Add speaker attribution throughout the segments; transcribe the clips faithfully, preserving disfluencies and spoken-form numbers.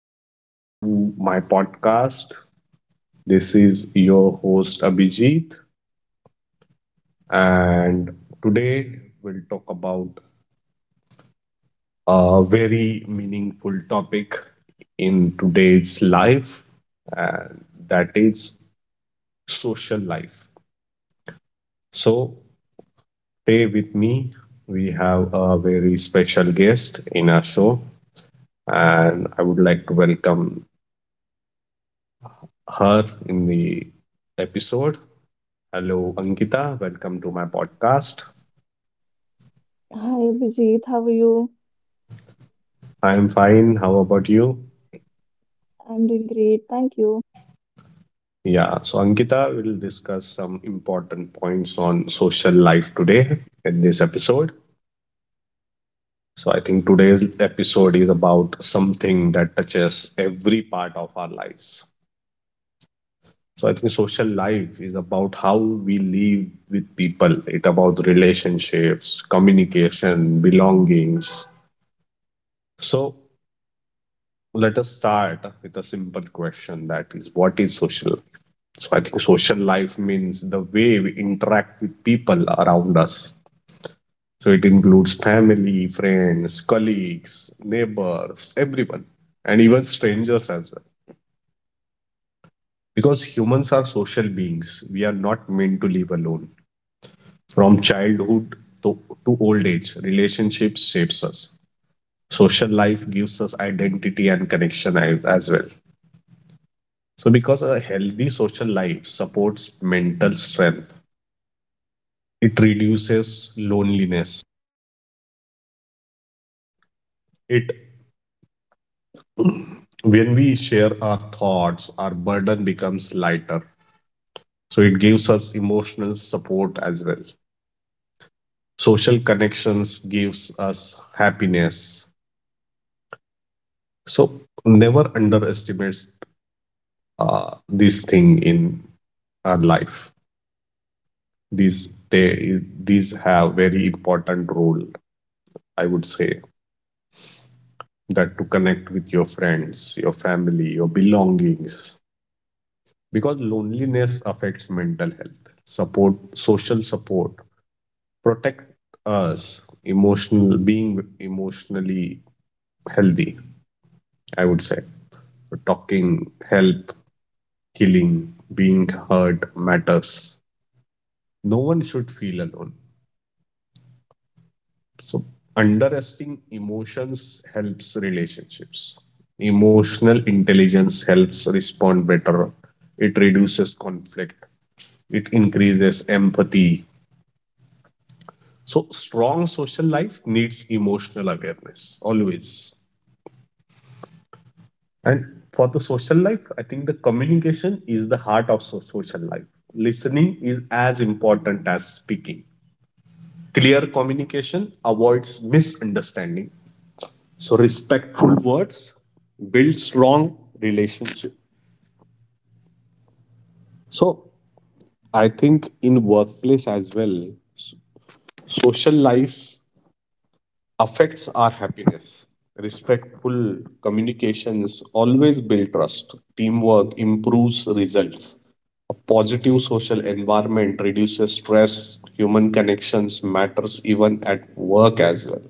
Speaker 1: back to my podcast. This is your host Abhijit, and today we'll talk about a very meaningful topic in today's life, and that is social life. So, today with me, we have a very special guest in our show, and I would like to welcome her in the episode. Hello, Ankita. Welcome to my podcast.
Speaker 2: Hi Abhijit, how are you?
Speaker 1: I'm fine. How about you?
Speaker 2: I'm doing great, thank you.
Speaker 1: Yeah, so Ankita will discuss some important points on social life today in this episode. So I think today's episode is about something that touches every part of our lives. So I think social life is about how we live with people. It's about relationships, communication, belongings. So let us start with a simple question, that is, what is social? So I think social life means the way we interact with people around us. So it includes family, friends, colleagues, neighbors, everyone, and even strangers as well. Because humans are social beings, we are not meant to live alone. From childhood to, to old age, relationships shapes us. Social life gives us identity and connection a- as well. So, because a healthy social life supports mental strength, it reduces loneliness. It when we share our thoughts, our burden becomes lighter, so it gives us emotional support as well. Social connections gives us happiness. So never underestimate uh, this thing in our life. These they these have very important role, I would say, that to connect with your friends, your family, your belongings, because loneliness affects mental health support. Social support protect us emotional being, emotionally healthy, I would say. Talking help healing. Being heard matters. No one should feel alone. So underestimating emotions helps relationships. Emotional intelligence helps respond better. It reduces conflict. It increases empathy. So strong social life needs emotional awareness always. And for the social life, I think the communication is the heart of so- social life. Listening is as important as speaking. Clear communication avoids misunderstanding. So respectful words build strong relationship. So I think in workplace as well, social life affects our happiness. Respectful communications always build trust. Teamwork improves results. A positive social environment reduces stress. Human connections matters even at work as well.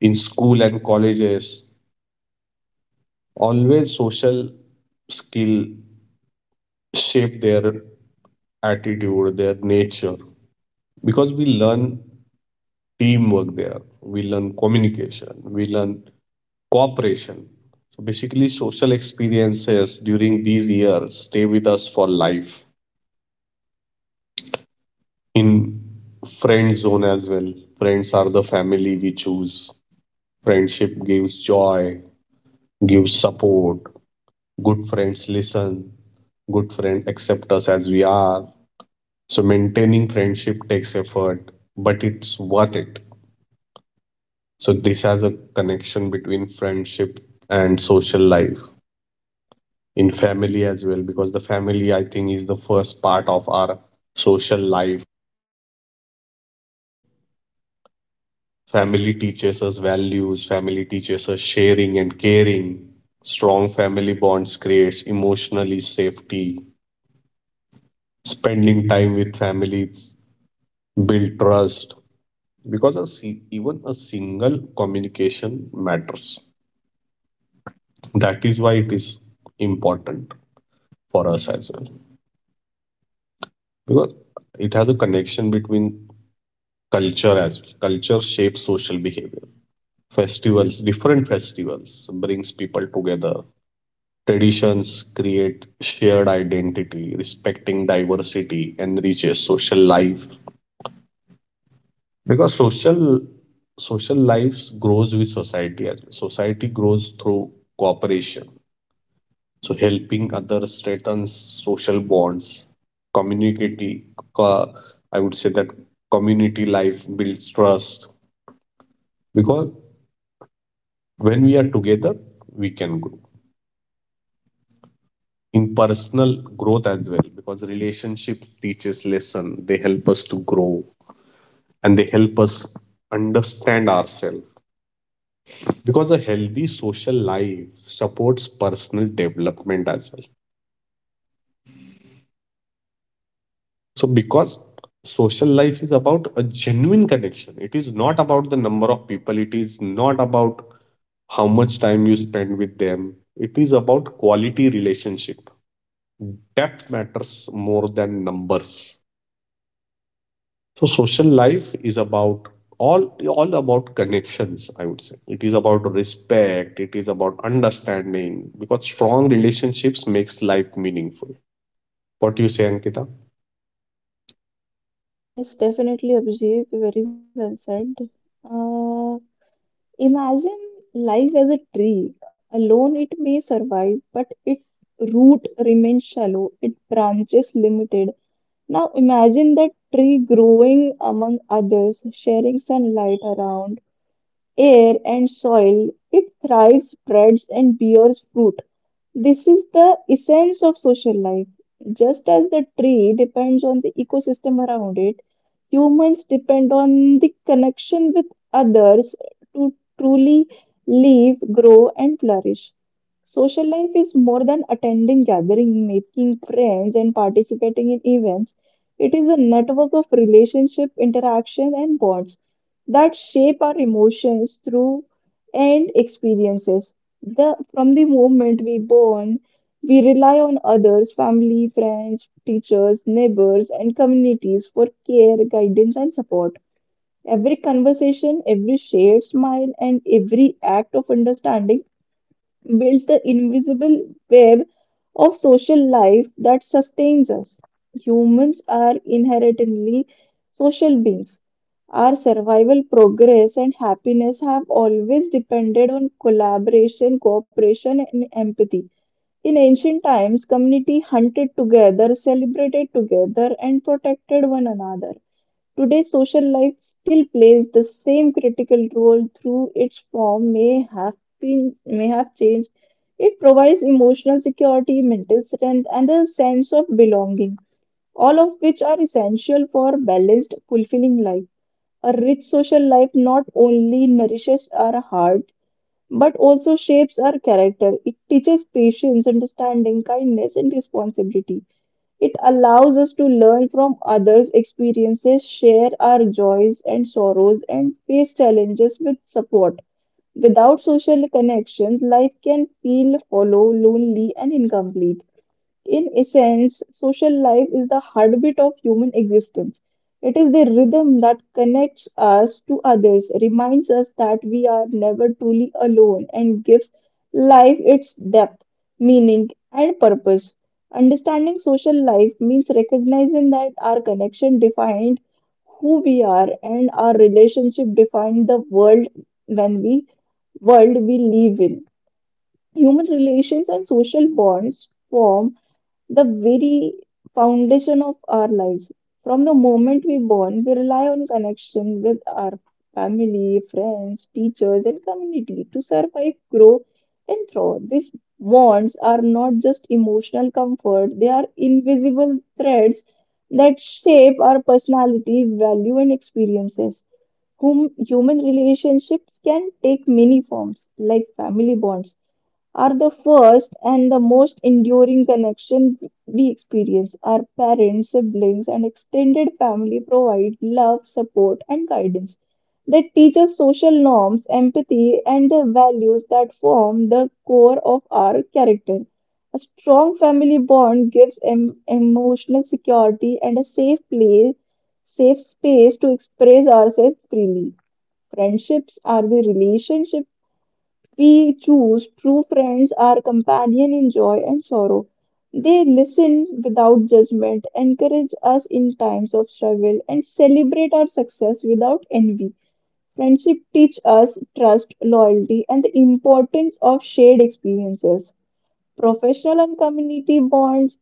Speaker 1: In school and colleges, always social skill shape their attitude, their nature, because we learn teamwork there. We learn communication. We learn cooperation. So basically, social experiences during these years stay with us for life. In friend zone as well, friends are the family we choose. Friendship gives joy, gives support. Good friends listen. Good friend accept us as we are. So maintaining friendship takes effort, but it's worth it. So this has a connection between friendship and social life. In family as well, because the family, I think, is the first part of our social life. Family teaches us values. Family teaches us sharing and caring. Strong family bonds creates emotionally safety. Spending time with families build trust, because a, si- even a single communication matters. That is why it is important for us as well, because it has a connection between culture as well. Culture shapes social behavior. Festivals, different festivals, so brings people together. Traditions create shared identity. Respecting diversity enriches social life, because social social lives grows with society well. Society grows through cooperation, so helping others strengthens social bonds. Community co- I would say that community life builds trust, because when we are together, we can grow in personal growth as well, because relationship teaches lesson. They help us to grow, and they help us understand ourselves, because a healthy social life supports personal development as well. So because social life is about a genuine connection, it is not about the number of people. It is not about how much time you spend with them. It is about quality relationship. Depth matters more than numbers. So social life is about all all about connections, I would say. It is about respect, it is about understanding, because strong relationships makes life meaningful. What do you say, Ankita?
Speaker 2: Yes, definitely Abhijit, very well said. Uh, imagine life as a tree. Alone it may survive, but its root remains shallow, its branches limited. Now imagine that tree growing among others, sharing sunlight around, air and soil. It thrives, spreads, and bears fruit. This is the essence of social life. Just as the tree depends on the ecosystem around it, humans depend on the connection with others to truly live, grow, and flourish. Social life is more than attending gatherings, making friends, and participating in events. It is a network of relationship, interaction, and bonds that shape our emotions through and experiences the from the moment we born, we rely on others, family, friends, teachers, neighbors, and communities for care, guidance, and support. Every conversation, every shared smile, and every act of understanding builds the invisible web of social life that sustains us. Humans are inherently social beings our survival, progress, and happiness have always depended on collaboration, cooperation, and empathy. In ancient times, community hunted together, celebrated together, and protected one another. Today, social life still plays the same critical role through its form may have been may have changed. It provides emotional security, mental strength, and a sense of belonging, all of which are essential for balanced, fulfilling life. A rich social life not only nourishes our heart but also shapes our character. It teaches patience, understanding, kindness, and responsibility. It allows us to learn from others' experiences, share our joys and sorrows, and face challenges with support. Without social connections, life can feel hollow, lonely, and incomplete. In essence, social life is the heartbeat of human existence. It is the rhythm that connects us to others, reminds us that we are never truly alone, and gives life its depth, meaning, and purpose. Understanding social life means recognizing that our connection defined who we are and our relationship defined the world when we world we live in. Human relations and social bonds form the very foundation of our lives. From the moment we born, we rely on connection with our family, friends, teachers, and community to survive, grow, and thrive. These bonds are not just emotional comfort, they are invisible threads that shape our personality, value, and experiences. Whom human relationships can take many forms, like family bonds are the first and the most enduring connection we experience. Our parents, siblings, and extended family provide love, support, and guidance. They teach us social norms, empathy, and the values that form the core of our character. A strong family bond gives em- emotional security and a safe place, safe space to express ourselves freely. Friendships are the relationships we choose true friends, our companion in joy and sorrow. They listen without judgment, encourage us in times of struggle, and celebrate our success without envy. Friendship teach us trust, loyalty, and the importance of shared experiences. Professional and community bonds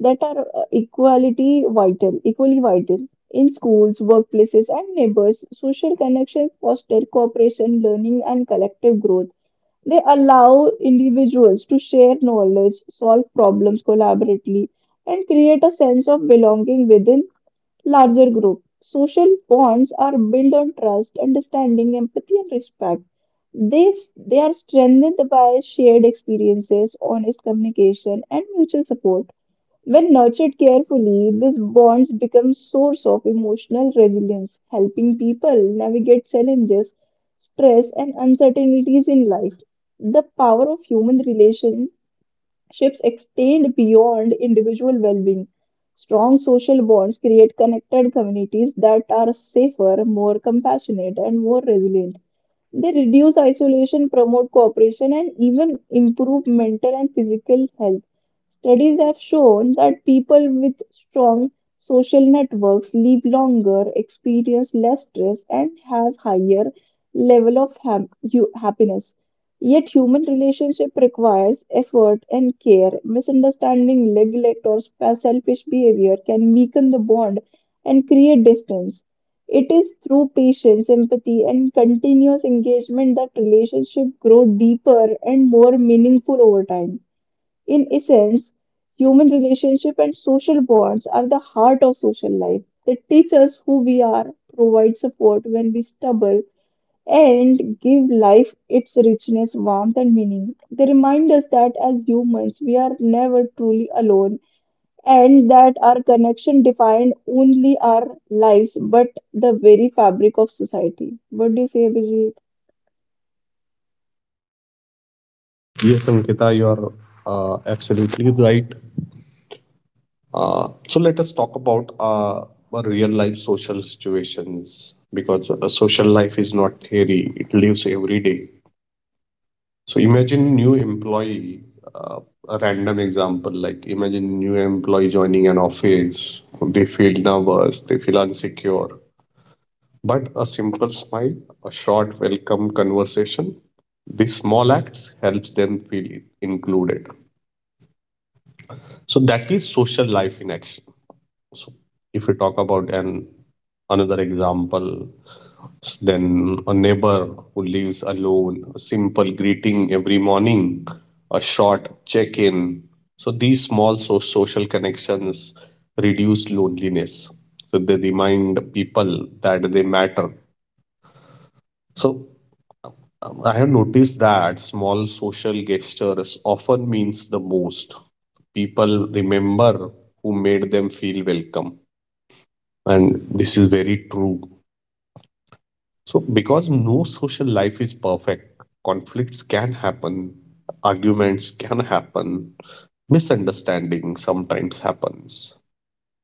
Speaker 2: that are uh, equality vital, equally vital. In schools, workplaces, and neighbors, social connections foster cooperation, learning, and collective growth. They allow individuals to share knowledge, solve problems collaboratively, and create a sense of belonging within larger group. Social bonds are built on trust, understanding, empathy, and respect. They, they are strengthened by shared experiences, honest communication, and mutual support. When nurtured carefully, these bonds become source of emotional resilience, helping people navigate challenges, stress, and uncertainties in life. The power of human relationships extend beyond individual well-being. Strong social bonds create connected communities that are safer, more compassionate, and more resilient. They reduce isolation, promote cooperation, and even improve mental and physical health. Studies have shown that people with strong social networks live longer, experience less stress, and have higher level of ham- hu- happiness. Yet human relationship requires effort and care. Misunderstanding, neglect, or selfish behavior can weaken the bond and create distance. It is through patience, empathy, and continuous engagement that relationships grow deeper and more meaningful over time. In essence, human relationship and social bonds are the heart of social life. They teach us who we are, provide support when we stumble, and give life its richness, warmth, and meaning. They remind us that as humans, we are never truly alone and that our connection defined only our lives but the very fabric of society. What do you say, Abhijit?
Speaker 1: Yes, Ankita, you are uh, absolutely right. Uh, so let us talk about uh, real life social situations, because uh, social life is not theory, it lives every day. So imagine new employee, uh, a random example, like imagine new employee joining an office. They feel nervous, they feel insecure. But a simple smile, a short welcome conversation, these small acts helps them feel included. So that is social life in action. So if we talk about an another example, then a neighbor who lives alone, a simple greeting every morning, a short check-in. So these small so- social connections reduce loneliness. So they remind people that they matter. So um, I have noticed that small social gestures often means the most. People remember who made them feel welcome, and this is very true. So, because no social life is perfect, conflicts can happen, arguments can happen, misunderstanding sometimes happens.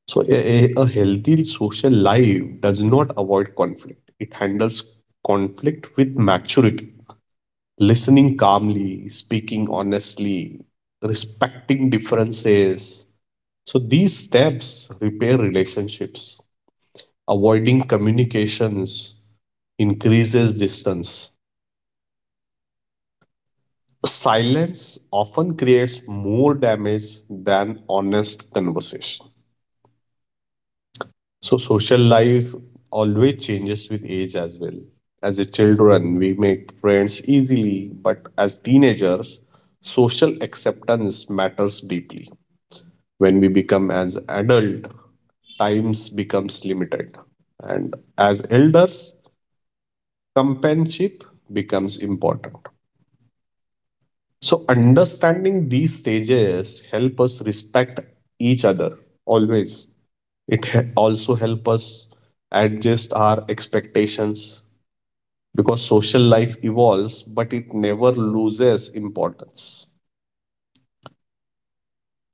Speaker 1: So, a, a a healthy social life does not avoid conflict, it handles conflict with maturity, listening calmly, speaking honestly, respecting differences. So these steps repair relationships. Avoiding communications increases distance. Silence often creates more damage than honest conversation. So social life always changes with age as well. As a children, we make friends easily, but as teenagers, social acceptance matters deeply. When we become as adult, times becomes limited, and as elders, companionship becomes important. So understanding these stages help us respect each other always. It he- also help us adjust our expectations, because social life evolves, but it never loses importance.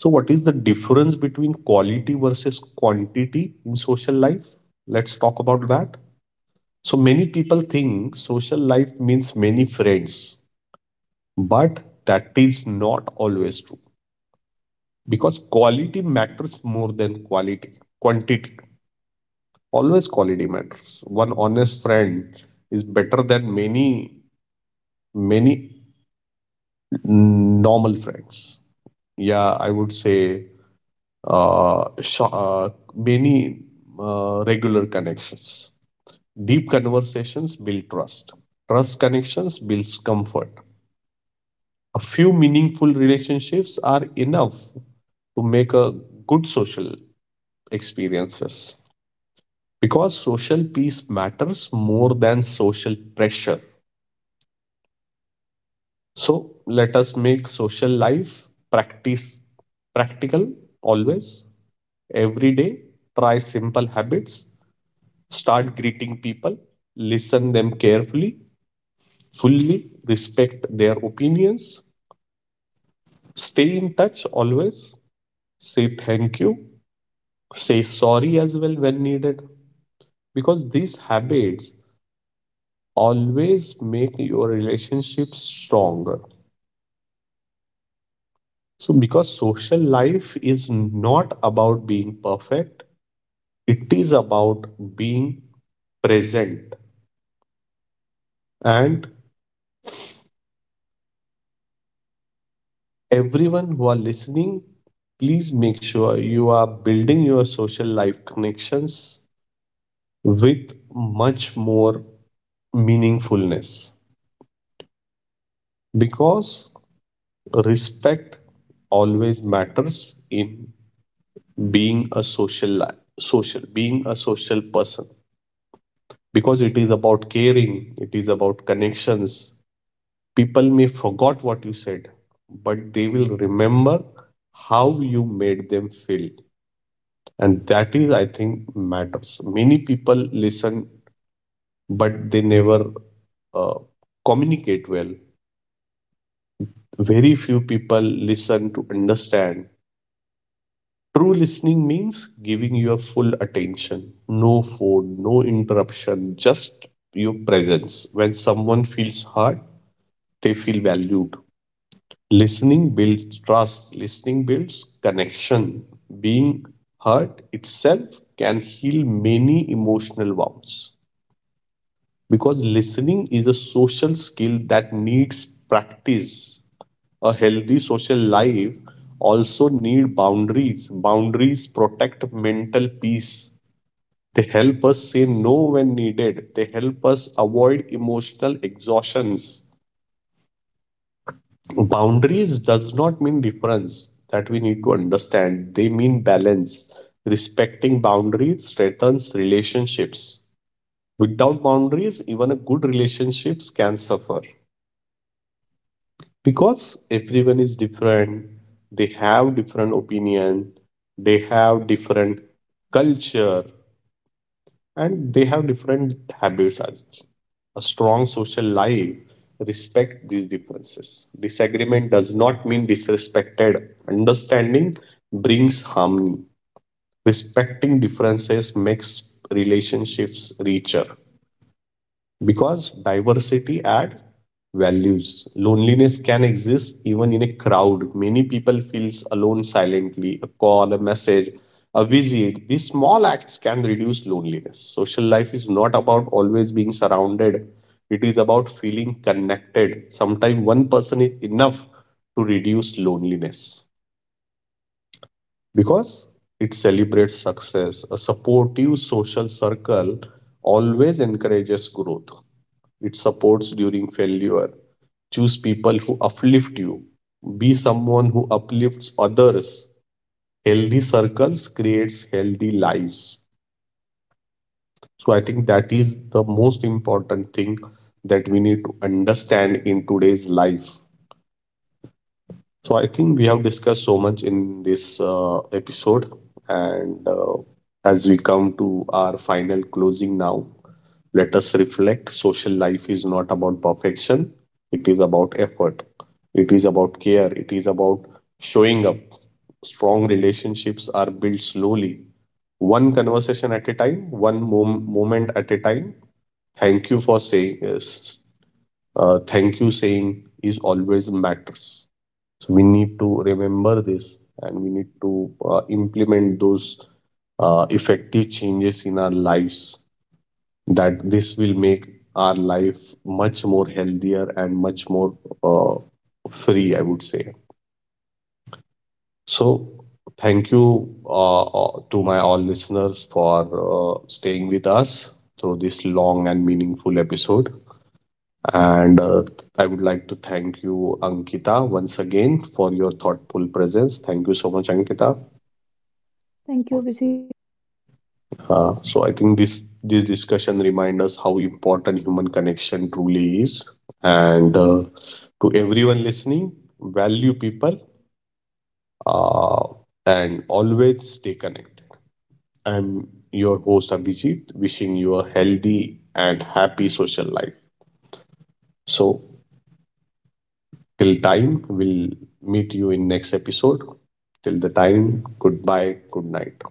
Speaker 1: So what is the difference between quality versus quantity in social life? Let's talk about that. So many people think social life means many friends, but that is not always true, because quality matters more than quality quantity. Always quality matters. One honest friend is better than many many normal friends. Yeah, I would say, uh, sho- uh many uh, regular connections. Deep conversations build trust. Trust connections builds comfort. A few meaningful relationships are enough to make a good social experiences, because social peace matters more than social pressure. So let us make social life practice practical always. Every day try simple habits. Start greeting people. Listen them carefully, fully. Respect their opinions. Stay in touch always. Say thank you. Say sorry as well when needed, because these habits always make your relationship stronger. So, because social life is not about being perfect, it is about being present. And everyone who are listening, please make sure you are building your social life connections with much more meaningfulness, because respect always matters in being a social li- social being a social person, because it is about caring, it is about connections. People may forget what you said, but they will remember how you made them feel, and that is, I think, matters. Many people listen, but they never uh, communicate well. Very few people listen to understand. True listening means giving your full attention. No phone, no interruption, just your presence. When someone feels hurt, they feel valued. Listening builds trust, listening builds connection. Being heard itself can heal many emotional wounds, because listening is a social skill that needs practice. A healthy social life also need boundaries. Boundaries protect mental peace. They help us say no when needed. They help us avoid emotional exhaustions. Boundaries does not mean difference that we need to understand. They mean balance. Respecting boundaries strengthens relationships. Without boundaries, even a good relationships can suffer, because everyone is different. They have different opinion. They have different culture, and they have different habits as well. A strong social life respect these differences. Disagreement does not mean disrespected. Understanding brings harmony. Respecting differences makes relationships richer, because diversity adds values. Loneliness can exist even in a crowd. Many people feels alone silently. A call, a message, a visit. These small acts can reduce loneliness. Social life is not about always being surrounded. It is about feeling connected. Sometimes one person is enough to reduce loneliness, because it celebrates success. A supportive social circle always encourages growth. It supports during failure. Choose people who uplift you. Be someone who uplifts others. Healthy circles creates healthy lives. So I think that is the most important thing that we need to understand in today's life. So I think we have discussed so much in this uh, episode, and uh, as we come to our final closing now, let us reflect. Social life is not about perfection; it is about effort. It is about care. It is about showing up. Strong relationships are built slowly, one conversation at a time, one mom- moment at a time. Thank you for saying yes. Uh, thank you saying is always matters. So we need to remember this, and we need to uh, implement those uh, effective changes in our lives, that this will make our life much more healthier and much more uh, free, I would say. So thank you uh, uh, to my all listeners for uh, staying with us through this long and meaningful episode. And uh, I would like to thank you, Ankita, once again for your thoughtful presence. Thank you so much, Ankita.
Speaker 2: Thank you, Abhijit.
Speaker 1: Uh, so I think this this discussion reminds us how important human connection truly is. And uh, to everyone listening, value people, uh, and always stay connected. I'm your host Abhijit, wishing you a healthy and happy social life. So till time, we'll meet you in next episode. Till the time, goodbye, good night.